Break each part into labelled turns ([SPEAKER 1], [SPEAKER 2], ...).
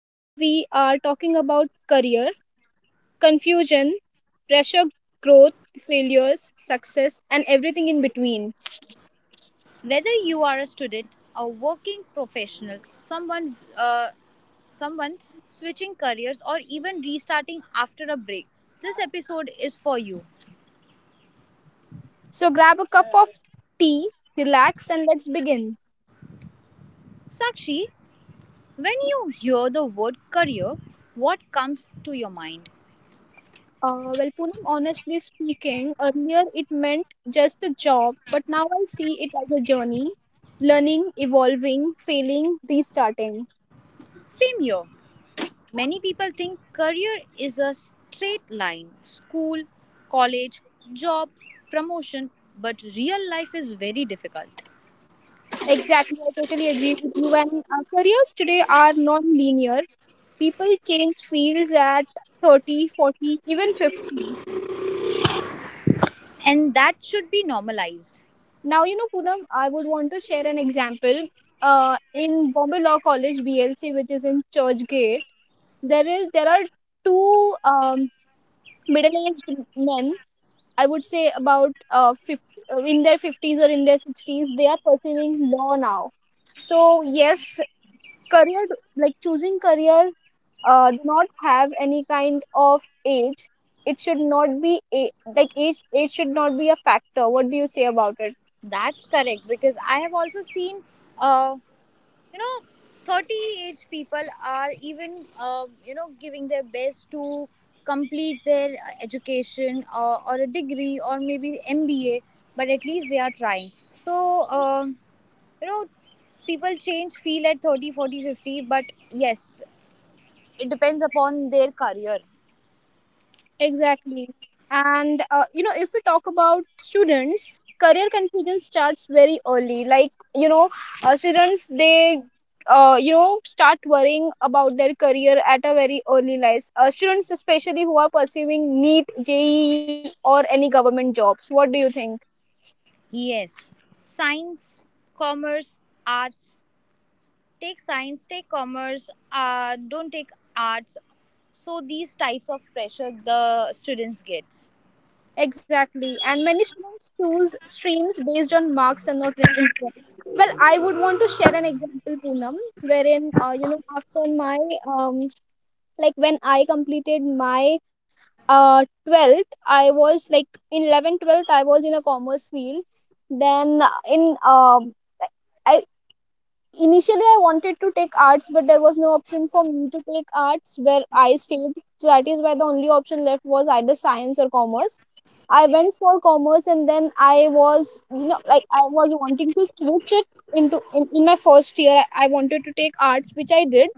[SPEAKER 1] Today, we are talking about career, confusion, pressure, growth, failures, success, and everything in between.
[SPEAKER 2] Whether you are a student, a working professional, someone switching careers, or even restarting after a break, this episode is for you.
[SPEAKER 1] So, grab a cup of tea, relax, and let's begin.
[SPEAKER 2] Sakshi, when you hear the word career, what comes to your mind?
[SPEAKER 1] Well, Poonam, honestly speaking, earlier it meant just a job, but now I see it as a journey learning, evolving, failing, restarting.
[SPEAKER 2] Same here. Many people think career is a straight line, school, college, job, promotion, but real life is very difficult.
[SPEAKER 1] Exactly, I totally agree with you. And Careers today are non-linear. People change fields at 30, 40, even 50.
[SPEAKER 2] And that should be normalized.
[SPEAKER 1] Now, you know, Poonam, I would want to share an example. In Bombay Law College, BLC, which is in Churchgate, there are two middle-aged men. I would say about 50, in their 50s or in their 60s, they are pursuing law now. So yes, career like choosing career do not have any kind of age. It should not be a, like age. Age should not be a factor. What do you say about it?
[SPEAKER 2] That's correct, because I have also seen, uh, you know, 30 age people are even, giving their best to complete their education, or a degree, or maybe MBA, but at least they are trying. So, you know people change feel at 30, 40, 50. But yes, it depends upon their career.
[SPEAKER 1] Exactly. And You know, if we talk about students, career confidence starts very early. Like you know, students they you know, start worrying about their career at a very early life. Students especially who are pursuing NEET, JEE, or any government jobs. What do you think?
[SPEAKER 2] Yes. Science, commerce, arts. Take science, take commerce, don't take arts. So these types of pressure the students gets.
[SPEAKER 1] Exactly. And many students choose streams based on marks and not interest. Well, I would want to share an example, Poonam, wherein, you know, my, um, like when I completed my 12th, I was like in 11th, 12th, I was in a commerce field. Then in, I Initially I wanted to take arts, but there was no option for me to take arts where I stayed. So that is why the only option left was either science or commerce. I went for commerce and then I was, you know, like I was wanting to switch it in my first year. I wanted to take arts, which I did.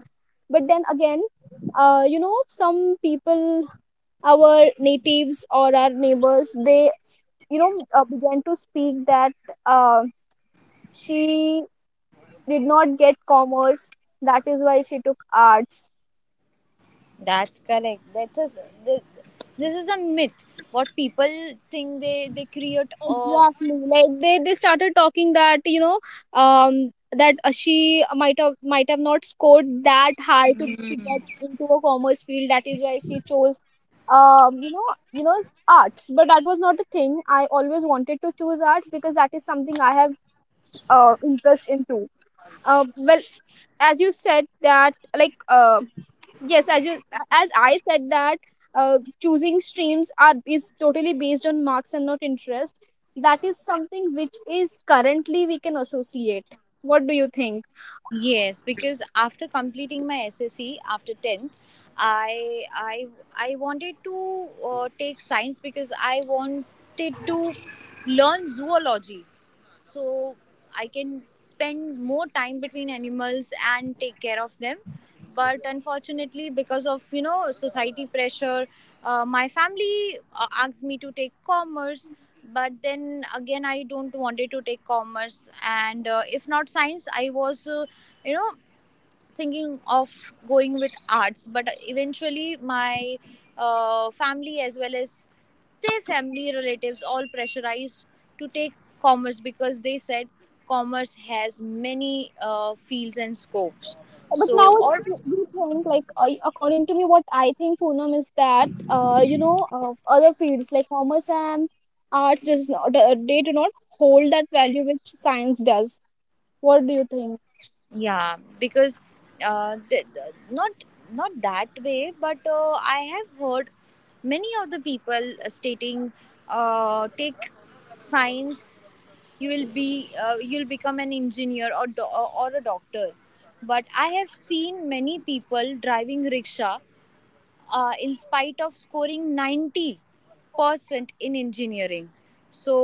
[SPEAKER 1] But then again, you know, some people, our natives or our neighbors, they, you know, began to speak that uh, she did not get commerce. That is why she took arts.
[SPEAKER 2] That's correct. Th- this is a myth what people think, they create a
[SPEAKER 1] Exactly. Like they started talking that, you know, that she might have not scored that high to get into a commerce field. That is why she chose, um you know you know, arts. But that was not the thing. I always wanted to choose arts because that is something I have interest into. Well, as you said that like yes as you as I said that choosing streams are is totally based on marks and not interest. That is something which is currently we can associate. What do you think?
[SPEAKER 2] Yes, because after completing my SSC after 10th, I I I wanted to take science, because I wanted to learn zoology so I can spend more time between animals and take care of them. But unfortunately, because of society pressure, my family asks me to take commerce. But then again, I don't wanted to take commerce, and if not science, I was, you know thinking of going with arts, but eventually my family as well as their family relatives all pressurized to take commerce, because they said commerce has many fields and scopes.
[SPEAKER 1] But
[SPEAKER 2] So
[SPEAKER 1] now
[SPEAKER 2] or
[SPEAKER 1] we think like, according to me, what I think, Poonam, is that, you know, other fields like commerce and arts does not they do not hold that value which science does. What do you think?
[SPEAKER 2] Yeah, because uh, th- th- not not that way, but I have heard many of the people stating, take science, you will be you'll become an engineer, or a doctor. But I have seen many people driving rickshaw, in spite of scoring 90% in engineering. So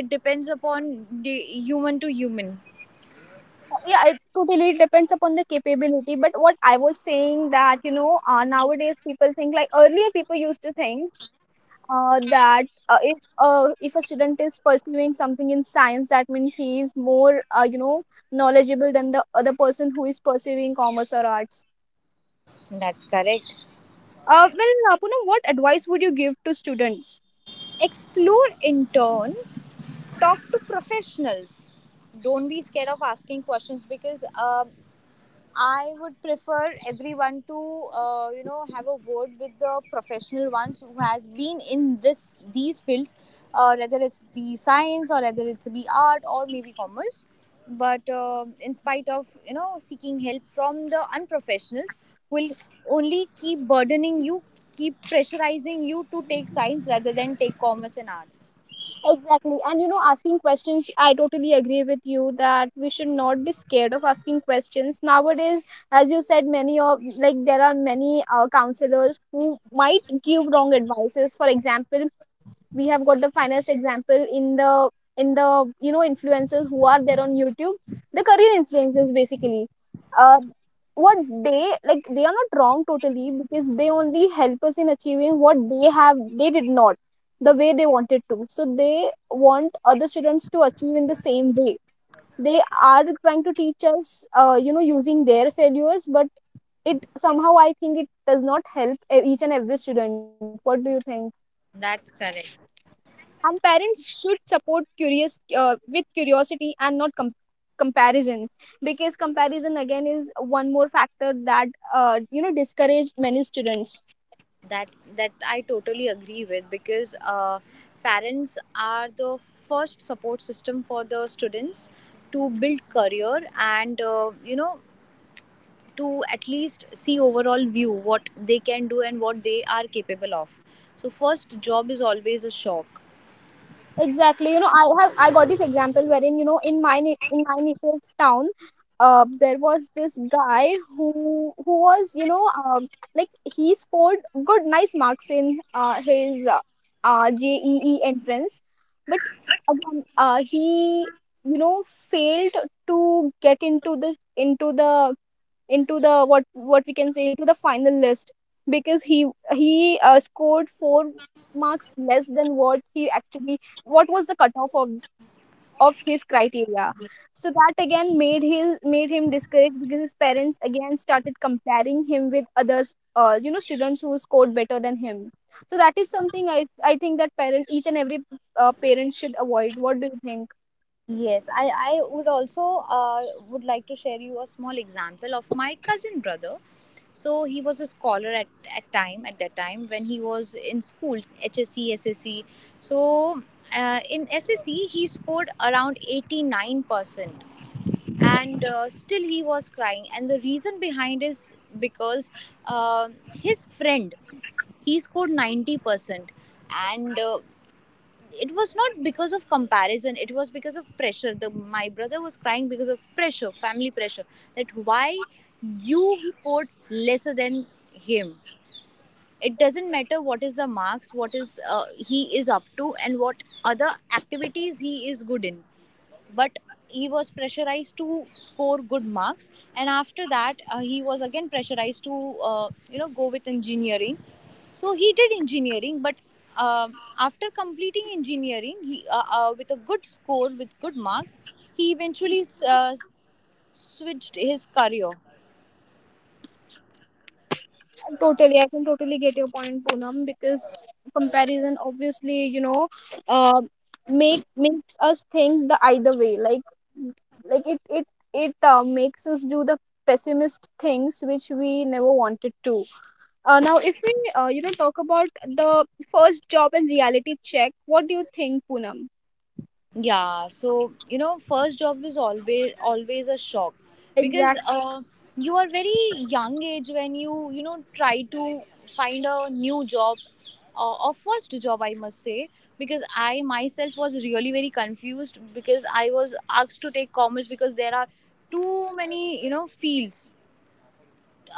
[SPEAKER 2] it depends upon the human to human.
[SPEAKER 1] Yeah, it totally depends upon the capability. But what I was saying, that you know, nowadays people think, like earlier people used to think, that if a student is pursuing something in science, that means he is more, you know, knowledgeable than the other person who is pursuing commerce or arts.
[SPEAKER 2] That's correct.
[SPEAKER 1] Well, Poonam, what advice would you give to students?
[SPEAKER 2] Explore in turn, talk to professionals. Don't be scared of asking questions, because I would prefer everyone to, have a word with the professional ones who has been in this these fields, whether it's be science, or whether it's be art, or maybe commerce. But in spite of seeking help from the unprofessionals, will only keep burdening you, keep pressurizing you to take science rather than take commerce and arts.
[SPEAKER 1] Exactly. And you know, asking questions, I totally agree with you that we should not be scared of asking questions. Nowadays, as you said, many of like there are many counselors who might give wrong advices. For example, we have got the finest example in the you know, influencers who are there on YouTube, the career influencers basically. Uh, what They, like, they are not wrong totally because they only help us in achieving what they did not, the way they wanted to. So they want other students to achieve in the same way. They are trying to teach us, you know, using their failures, but it somehow, I think, it does not help each and every student. What do you think?
[SPEAKER 2] That's correct.
[SPEAKER 1] And parents should support curious with curiosity and not comparison, because comparison again is one more factor that, you know, discourage many students.
[SPEAKER 2] That that I totally agree with, because parents are the first support system for the students to build career, and to at least see overall view what they can do and what they are capable of. So first job is always a shock.
[SPEAKER 1] Exactly. You know, I got this example wherein, you know, in my in my native town, there was this guy who was, you know, he scored good nice marks in, uh, his JEE entrance, but again, he, you know, failed to get into the what we can say, into the final list, because he scored four marks less than what he actually, what was the cutoff of his criteria. So that again made him discouraged, because his parents again started comparing him with others, you know, students who scored better than him. So that is something I think that parent each and every parent should avoid. What do you think?
[SPEAKER 2] Yes, I uh, would like to share you a small example of my cousin brother. So he was a scholar at that time when he was in school HSC SSC. So, in SSC he scored around 89%, and still he was crying, and the reason behind is because his friend, he scored 90%, and it was not because of comparison, it was because of pressure. The my brother was crying because of pressure, family pressure, that why you scored lesser than him. It doesn't matter what is the marks, what is, he is up to, and what other activities he is good in. But he was pressurized to score good marks, and after that, he was again pressurized to, go with engineering. So he did engineering. But um after completing engineering, he, with a good score, with good marks, he eventually switched his career.
[SPEAKER 1] Totally, I can totally get your point, Poonam, because comparison, obviously, you know, uh, makes us think the either way. Like, it makes us do the pessimist things which we never wanted to. Now, if we, you know, talk about the first job and reality check, what do you think, Poonam?
[SPEAKER 2] Yeah, so first job is always a shock, because
[SPEAKER 1] Exactly.
[SPEAKER 2] you are very young age when you know try to find a new job, or first job, I must say, because I myself was really very confused, because I was asked to take commerce because there are too many, fields,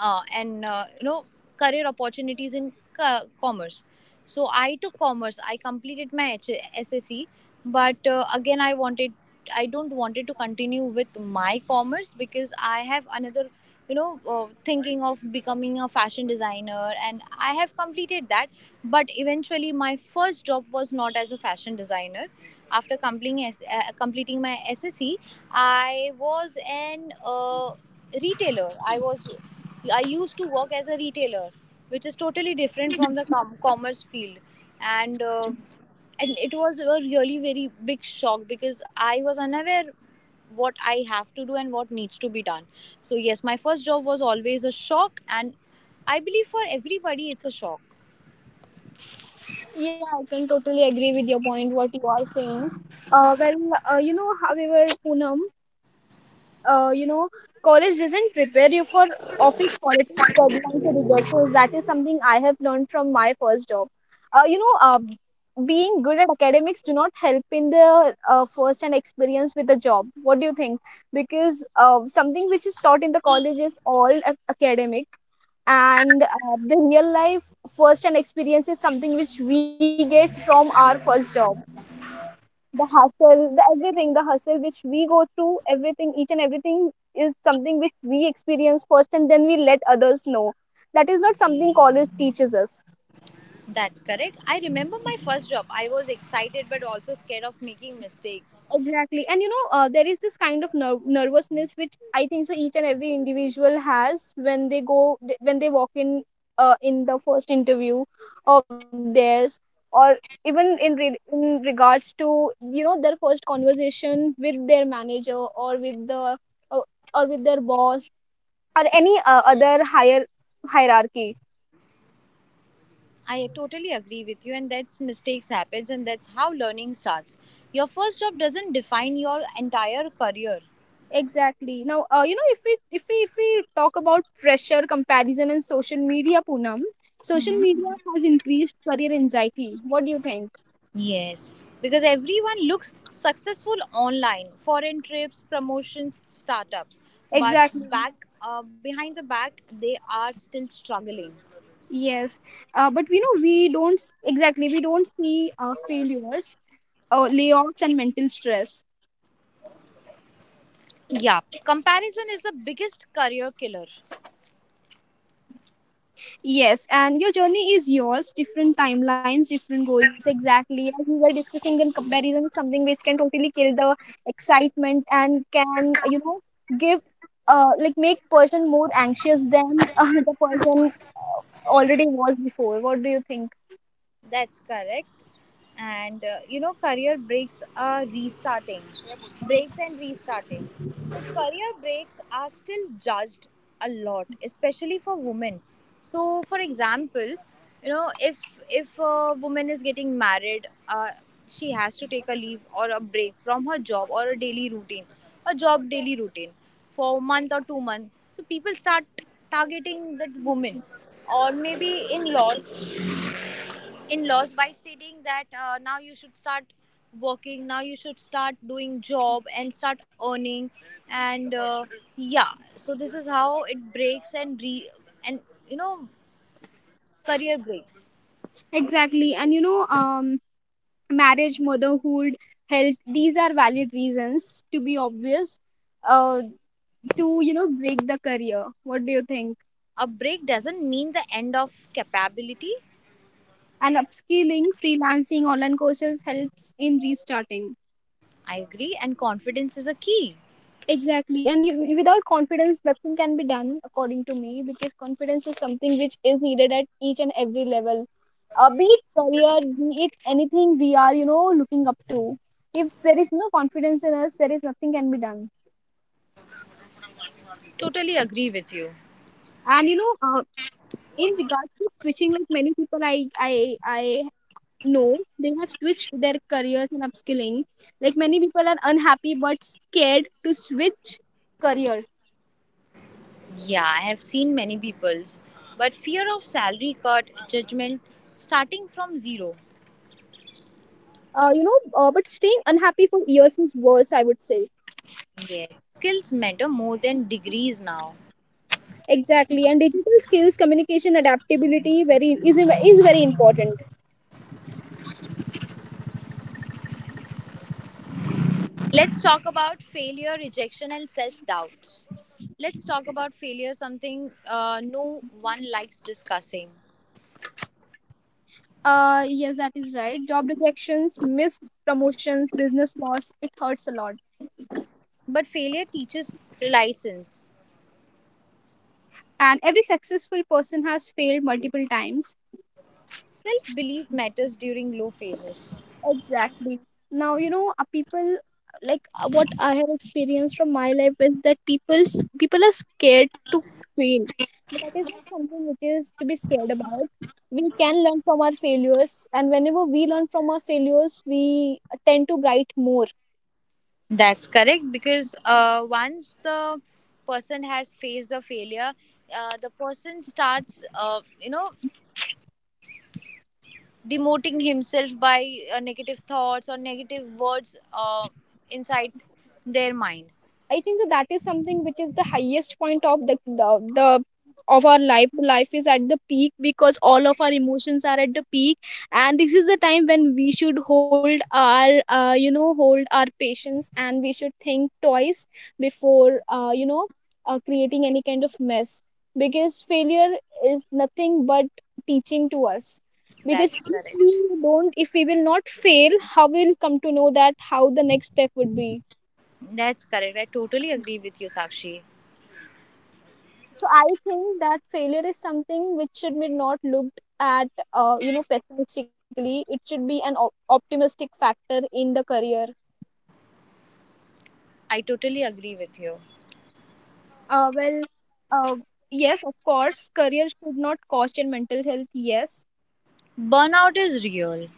[SPEAKER 2] and career opportunities in commerce. So I took commerce, I completed my ssc. But again, I don't wanted to continue with my commerce, because I have another, thinking of becoming a fashion designer, and I have completed that. But eventually, my first job was not as a fashion designer. After completing my ssc, I was an, retailer. I used to work as a retailer, which is totally different from the commerce field, and uh, and it was a really very big shock, because I was unaware what I have to do and what needs to be done. So yes, my first job was always a shock, and I believe for everybody it's a shock.
[SPEAKER 1] Yeah, I can totally agree with your point, what you are saying. Well, you know, however, Poonam, you know, college doesn't prepare you for office politics, deadlines, or rejections. That is something I have learned from my first job. Uh, you know, uh, Being good at academics do not help in the, first hand experience with the job. What do you think? Because, something which is taught in the college is all academic, and, the real life first hand experience is something which we get from our first job, the hustle, the everything, the hustle which we go through, everything, each and everything is something which we experience first and then we let others know. That is not something college teaches us.
[SPEAKER 2] That's correct. I remember my first job. I was excited, but also scared of making mistakes.
[SPEAKER 1] Exactly. And you know, there is this kind of nervousness which, I think so, each and every individual has when when they walk in the first interview of theirs, or even in, in regards to, you know, their first conversation with their manager, or with the, uh, or with their boss, or any other higher hierarchy.
[SPEAKER 2] I totally agree with you, and that's mistakes happens, and that's how learning starts. Your first job doesn't define your entire career.
[SPEAKER 1] Exactly. Now, you know, if we talk about pressure, comparison, and social media, Poonam, social media has increased career anxiety. What do you think?
[SPEAKER 2] Yes, because everyone looks successful online, foreign trips, promotions, startups, but
[SPEAKER 1] Exactly.
[SPEAKER 2] back behind the back, they are still struggling.
[SPEAKER 1] Yes, but we know we don't we don't see, failures, layoffs, and mental stress.
[SPEAKER 2] Yeah, comparison is the biggest career killer.
[SPEAKER 1] Yes, and your journey is yours, different timelines, different goals, exactly. As we were discussing, then comparison is something which can totally kill the excitement and can, you know, give, make person more anxious than the person, already was before. What do you think?
[SPEAKER 2] That's correct. And, career breaks are restarting, breaks and restarting. So, career breaks are still judged a lot, especially for women. So, for example, if a woman is getting married, she has to take a leave or a break from her job or a job daily routine for a month or 2 months. So, people start targeting that woman, or maybe in laws, by stating that, now you should start working, now you should start doing job and start earning, and yeah, so this is how it breaks and you know career breaks.
[SPEAKER 1] Exactly, and you know, marriage, motherhood, health, these are valid reasons, to be obvious, uh, to, you know, break the career. What do you think?
[SPEAKER 2] A break doesn't mean the end of capability.
[SPEAKER 1] And upskilling, freelancing, online courses helps in restarting.
[SPEAKER 2] I agree, and confidence is a key.
[SPEAKER 1] Exactly. And you, without confidence, nothing can be done, according to me, because confidence is something which is needed at each and every level. Be it career, be it anything we are, you know, looking up to. If there is no confidence in us, there is nothing can be done.
[SPEAKER 2] Totally agree with you.
[SPEAKER 1] And you know, in regards to switching, like many people, I no, they have switched their careers and upskilling. Like many people are unhappy but scared to switch careers.
[SPEAKER 2] Yeah, I have seen many people's, but fear of salary cut, judgment, starting from zero.
[SPEAKER 1] You know, but staying unhappy for years is worse, I would say.
[SPEAKER 2] Yes, skills matter more than degrees now.
[SPEAKER 1] Exactly, and digital skills, communication, adaptability, very is very important.
[SPEAKER 2] Let's talk about failure, rejection, and self doubts. Let's talk about failure, something no one likes discussing.
[SPEAKER 1] Yes, that is right. Job rejections, missed promotions, business loss, it hurts a lot.
[SPEAKER 2] But failure teaches license.
[SPEAKER 1] And every successful person has failed multiple times.
[SPEAKER 2] Self belief matters during low phases.
[SPEAKER 1] Exactly. Now, you know, people, what I have experienced from my life, is that people are scared to fail. But that is not something which is to be scared about. We can learn from our failures, and whenever we learn from our failures, we tend to write more.
[SPEAKER 2] That's correct, because once the person has faced the failure, the person starts, demoting himself by negative thoughts or negative words, inside their mind.
[SPEAKER 1] I think that that is something which is the highest point of the of our life. The life is at the peak because all of our emotions are at the peak, and this is the time when we should hold our hold our patience, and we should think twice before creating any kind of mess because failure is nothing but teaching to us. Because
[SPEAKER 2] That's correct.
[SPEAKER 1] if we will not fail, how we will come to know that how the next step would be.
[SPEAKER 2] That's correct. I totally agree with you, Sakshi.
[SPEAKER 1] So I think that failure is something which should be not looked at pessimistically. It should be an optimistic factor in the career.
[SPEAKER 2] I totally agree with you.
[SPEAKER 1] Uh, well, uh, yes, of course, career should not cost your mental health. Yes,
[SPEAKER 2] Burnout is real.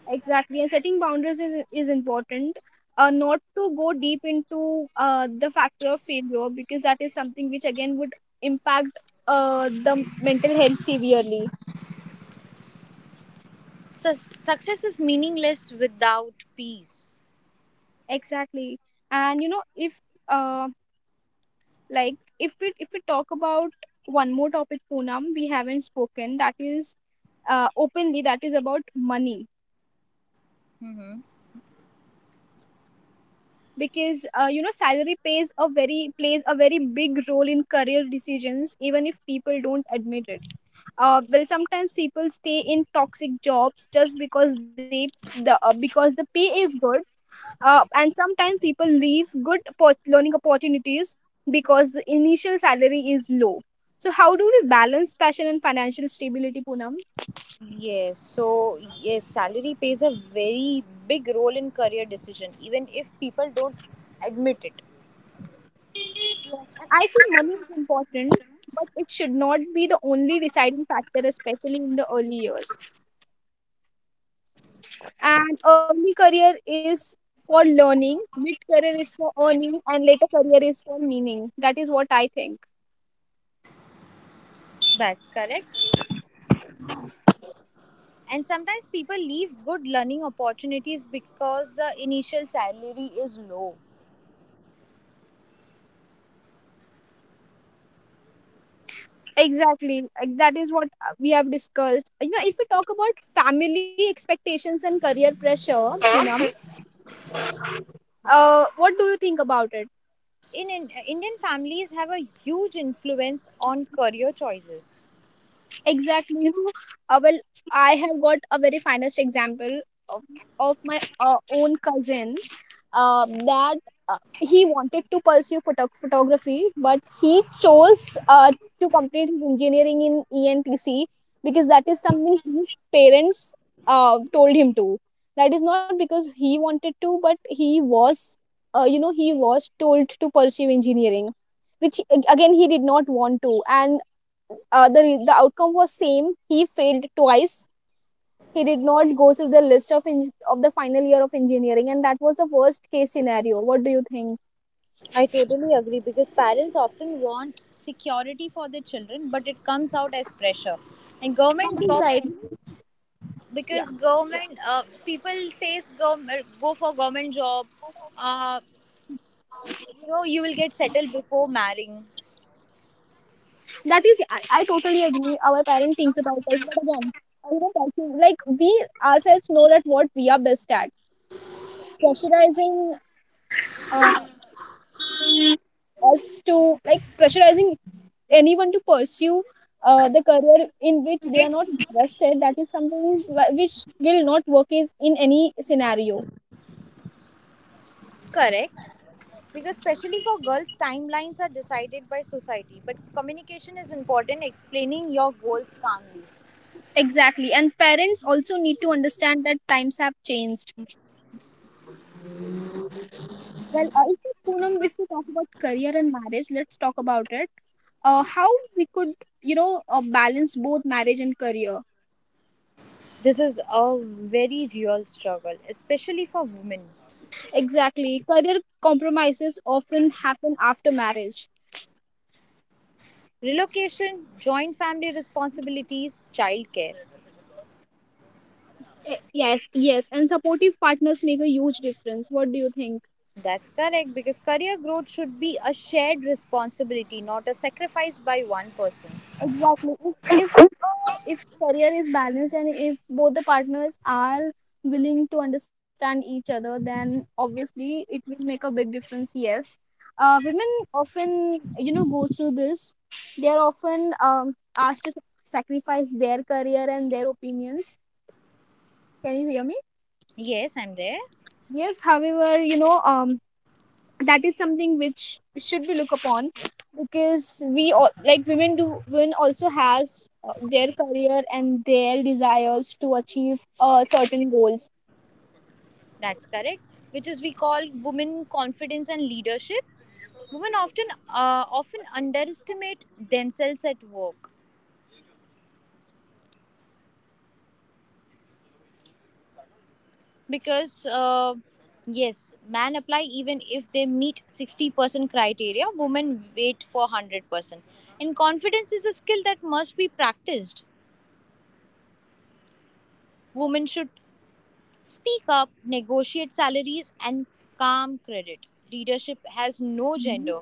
[SPEAKER 1] exactly. And setting boundaries is important. Not to go deep into the factor of failure, because that is something which again would impact the mental health severely.
[SPEAKER 2] Success is meaningless without peace.
[SPEAKER 1] Exactly. And you know, um if we talk about one more topic, Poonam, we haven't spoken, that is openly, that is about money.
[SPEAKER 2] Hmm.
[SPEAKER 1] Because salary pays a very plays a very big role in career decisions, even if people don't admit it. Sometimes people stay in toxic jobs just because they the because the pay is good. And sometimes people leave good learning opportunities because the initial salary is low. So how do we balance passion and financial stability, Poonam?
[SPEAKER 2] Yes. So yes, salary plays a very big role in career decision, even if people don't admit it.
[SPEAKER 1] Yes, and I feel money is important, but it should not be the only deciding factor, especially in the early years. And early career is for learning, mid career is for earning, and later career is for meaning. That is what I think.
[SPEAKER 2] That's correct. And sometimes people leave good learning opportunities because the initial salary is low.
[SPEAKER 1] Exactly. That is what we have discussed. You know, if we talk about family expectations and career pressure, Poonam, what do you think about it?
[SPEAKER 2] In Indian families have a huge influence on career choices.
[SPEAKER 1] Exactly. You know, uh, well, I have got a very finest example of, of my own cousin, that he wanted to pursue photography, but he chose to complete his engineering in ENTC because that is something his parents told him to. That is not because he wanted to, but he was he was told to pursue engineering, which again he did not want to. And the outcome was same. He failed twice. He did not go through the list of of the final year of engineering, and that was the worst case scenario. What do you think?
[SPEAKER 2] I totally agree, because parents often want security for their children, but it comes out as pressure. And
[SPEAKER 1] That is
[SPEAKER 2] government
[SPEAKER 1] right.
[SPEAKER 2] job,
[SPEAKER 1] Yeah,
[SPEAKER 2] because government people says, go for government job. Uh, you will get settled before marrying.
[SPEAKER 1] that is. I totally agree. Our parent thinks about us, but again, I was talking- like we ourselves know that what we are best at. Pressurizing uh, us to like pressurizing anyone to pursue the career in which they are not interested, that is something which will not work is in any scenario.
[SPEAKER 2] Correct. Because, especially for girls, timelines are decided by society. But communication is important. Explaining your goals calmly.
[SPEAKER 1] Exactly. And parents also need to understand that times have changed. Well, if we, Poonam, if we talk about career and marriage, let's talk about it. How we could, you know, balance both marriage and career.
[SPEAKER 2] This is a very real struggle, especially for women.
[SPEAKER 1] Exactly, career compromises often happen after marriage.
[SPEAKER 2] Relocation, joint family responsibilities, childcare.
[SPEAKER 1] Yes, yes. And supportive partners make a huge difference. What do you think?
[SPEAKER 2] That's correct, because career growth should be a shared responsibility, not a sacrifice by one person.
[SPEAKER 1] Exactly. If career is balanced and if both the partners are willing to understand each other, then obviously it will make a big difference. Yes, women often, you know, go through this. They are often asked to sacrifice their career and their opinions. Can you hear me?
[SPEAKER 2] Yes, I'm there.
[SPEAKER 1] Yes. However, you know, that is something which should be looked upon, because we all like women do, women also has their career and their desires to achieve certain goals.
[SPEAKER 2] That's correct. Which is we call women confidence and leadership. Women often underestimate themselves at work. Because yes, men apply even if they meet 60% criteria, women wait for 100%. And confidence is a skill that must be practiced. Women should speak up, negotiate salaries, and calm credit. Leadership has no
[SPEAKER 1] Mhm.
[SPEAKER 2] gender.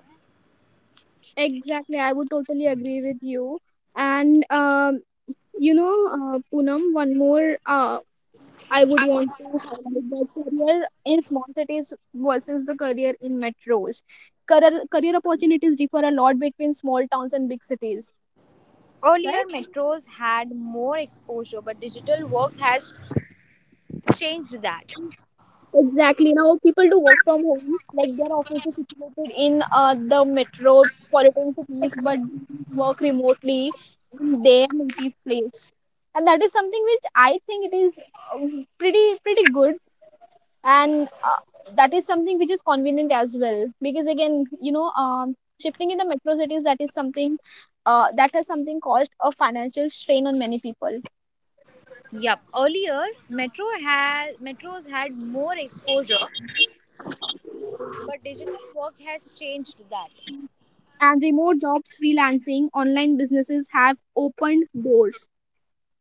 [SPEAKER 1] Exactly, I would totally agree with you. And you know, Poonam, one more I would want to highlight that career in small cities versus the career in metros. Career opportunities differ a lot between small towns and big cities, right?
[SPEAKER 2] Earlier, metros had more exposure, but digital work has changed that.
[SPEAKER 1] Exactly. Now people do work from home. Like their offices are situated in the metropolitan cities, but work remotely in their native place, and that is something which I think it is pretty good, and that is something which is convenient as well. Because again, you know, shifting in the metro cities, that is something that has something caused a financial strain on many people.
[SPEAKER 2] Yep. Earlier, metros had more exposure, but digital work has changed that.
[SPEAKER 1] And remote jobs, freelancing, online businesses have opened doors.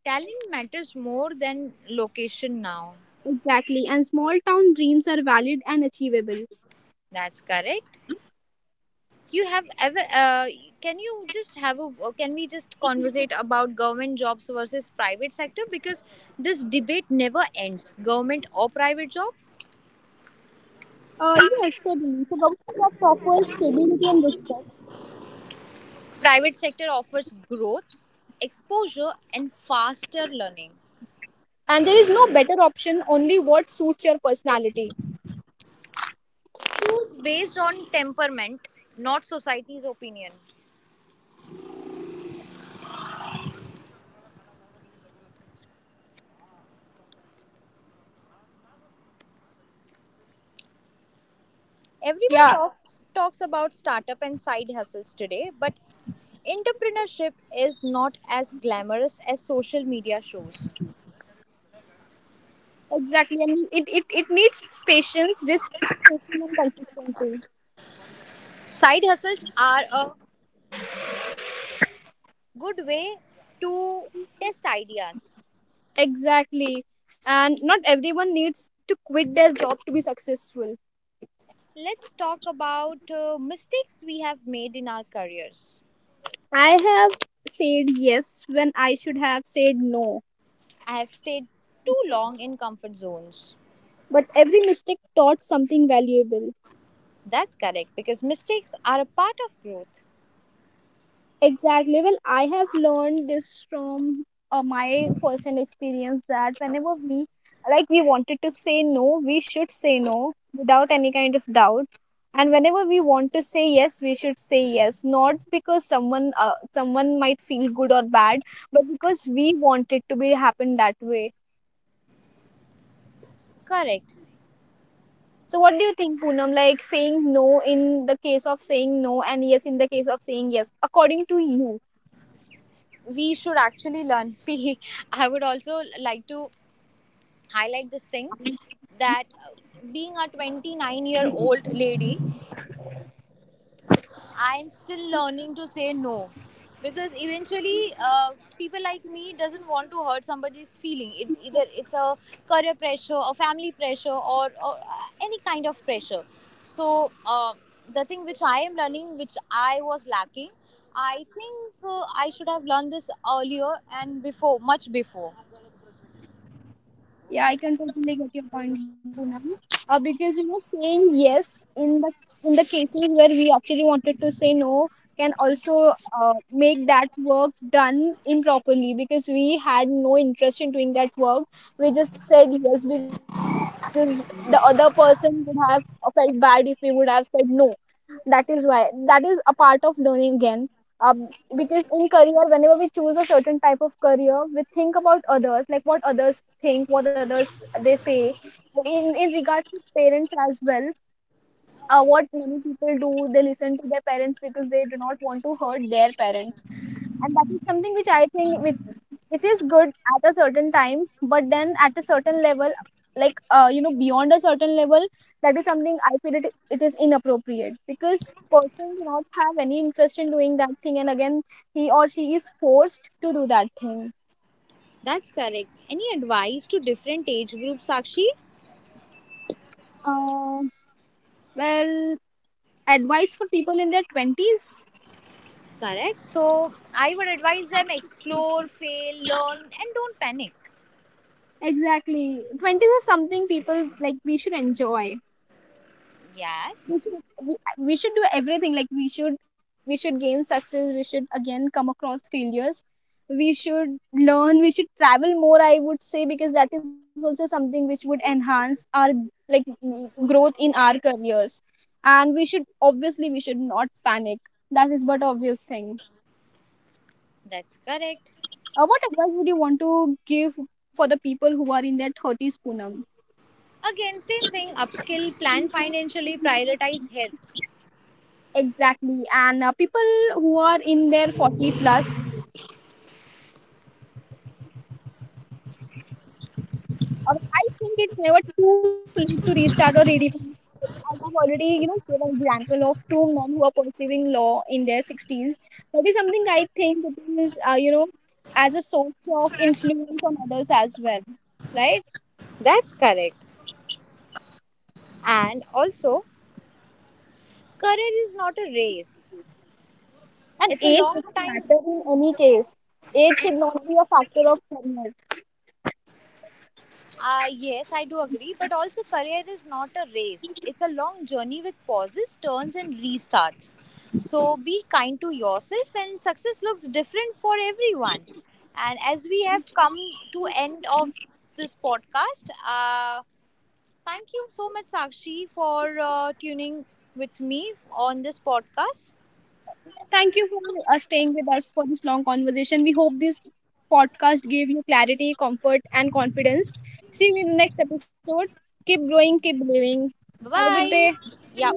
[SPEAKER 2] Talent matters more than location now.
[SPEAKER 1] Exactly. And small town dreams are valid and achievable.
[SPEAKER 2] That's correct. You have ever? Can you just have a? Or Can we just conversate about government jobs versus private sector, because this debate never ends. Government or private job?
[SPEAKER 1] Uh, yes, certainly. So, government job offers stability and respect.
[SPEAKER 2] Private sector offers growth, exposure, and faster learning.
[SPEAKER 1] And there is no better option, only what suits your personality.
[SPEAKER 2] Choose based on temperament, not society's opinion. Everyone
[SPEAKER 1] Yeah,
[SPEAKER 2] talks about startup and side hustles today, but entrepreneurship is not as glamorous as social media shows.
[SPEAKER 1] exactly. And it needs patience, risk, taking and consistency.
[SPEAKER 2] Side hustles are a good way to test ideas.
[SPEAKER 1] Exactly. And not everyone needs to quit their job to be successful.
[SPEAKER 2] Let's talk about mistakes we have made in our careers.
[SPEAKER 1] I have said yes when I should have said no.
[SPEAKER 2] I have stayed too long in comfort zones.
[SPEAKER 1] But every mistake taught something valuable.
[SPEAKER 2] That's correct, because mistakes are a part of growth.
[SPEAKER 1] Exactly. Well, I have learned this from my first-hand experience that whenever we like we wanted to say no, we should say no without any kind of doubt. And whenever we want to say yes, we should say yes, not because someone might feel good or bad, but because we want it to be happen that way.
[SPEAKER 2] Correct.
[SPEAKER 1] So what do you think, Poonam? Like saying no in the case of saying no and yes in the case of saying yes, according to you.
[SPEAKER 2] We should actually learn. See, I would also like to highlight this thing, that being a 29-year-old lady, I am still learning to say no, because eventually people like me doesn't want to hurt somebody's feeling. It, either it's a career pressure, or family pressure, or any kind of pressure. So, the thing which I am learning, which I was lacking, I think I should have learned this earlier, and before, much before.
[SPEAKER 1] Yeah, I can totally get your point, Poonam. Because you know, saying yes in the cases where we actually wanted to say no can also make that work done improperly because we had no interest in doing that work. We just said yes because the other person would have felt bad if we would have said no. That is why that is a part of learning again. um, because in career, whenever we choose a certain type of career, we think about others, like what others think, what others they say, in regards to parents as well. What many people do, they listen to their parents because they do not want to hurt their parents. And that is something which I think with, it is good at a certain time, but then at a certain level, like, beyond a certain level, that is something I feel, it is inappropriate, because person do not have any interest in doing that thing, and again he or she is forced to do that thing.
[SPEAKER 2] That's correct. Any advice to different age groups, Sakshi?
[SPEAKER 1] uh, well advice for people in their 20s.
[SPEAKER 2] Correct. So I would advise them explore, fail, learn, and don't panic.
[SPEAKER 1] Exactly, 20s is something people, like we should enjoy. we
[SPEAKER 2] Yes,
[SPEAKER 1] should we should do everything, we should gain success, we should again come across failures, we should learn, we should travel more, I would say, because that is also something which would enhance our, like mm, growth in our careers. And we should obviously, we should not panic, that is but obvious thing.
[SPEAKER 2] that's correct.
[SPEAKER 1] Uh, what advice would you want to give for the people who are in their 30s, Punam?
[SPEAKER 2] Again, same thing, upskill, plan financially, prioritize health.
[SPEAKER 1] Exactly. And people who are in their 40 plus. Or I think it's never too late to restart or redefine. I have already, you know, gave an example of two men who are pursuing law in their 60s. That is something I think it is, you know, as a source of influence on others as well, right?
[SPEAKER 2] That's correct. And also, career is not a race,
[SPEAKER 1] And
[SPEAKER 2] it's a
[SPEAKER 1] age
[SPEAKER 2] long
[SPEAKER 1] doesn't
[SPEAKER 2] time
[SPEAKER 1] matter in any case. Age should not be a factor of career.
[SPEAKER 2] Yes, I do agree. But also, career is not a race, it's a long journey with pauses, turns, and restarts. So, be kind to yourself, and success looks different for everyone. And as we have come to end of this podcast, thank you so much, Sakshi, for tuning with me on this podcast.
[SPEAKER 1] Thank you for staying with us for this long conversation. We hope this podcast gave you clarity, comfort, and confidence. See you in the next episode. Keep growing, keep believing.
[SPEAKER 2] Bye
[SPEAKER 1] Have a good day.
[SPEAKER 2] bye. Yeah.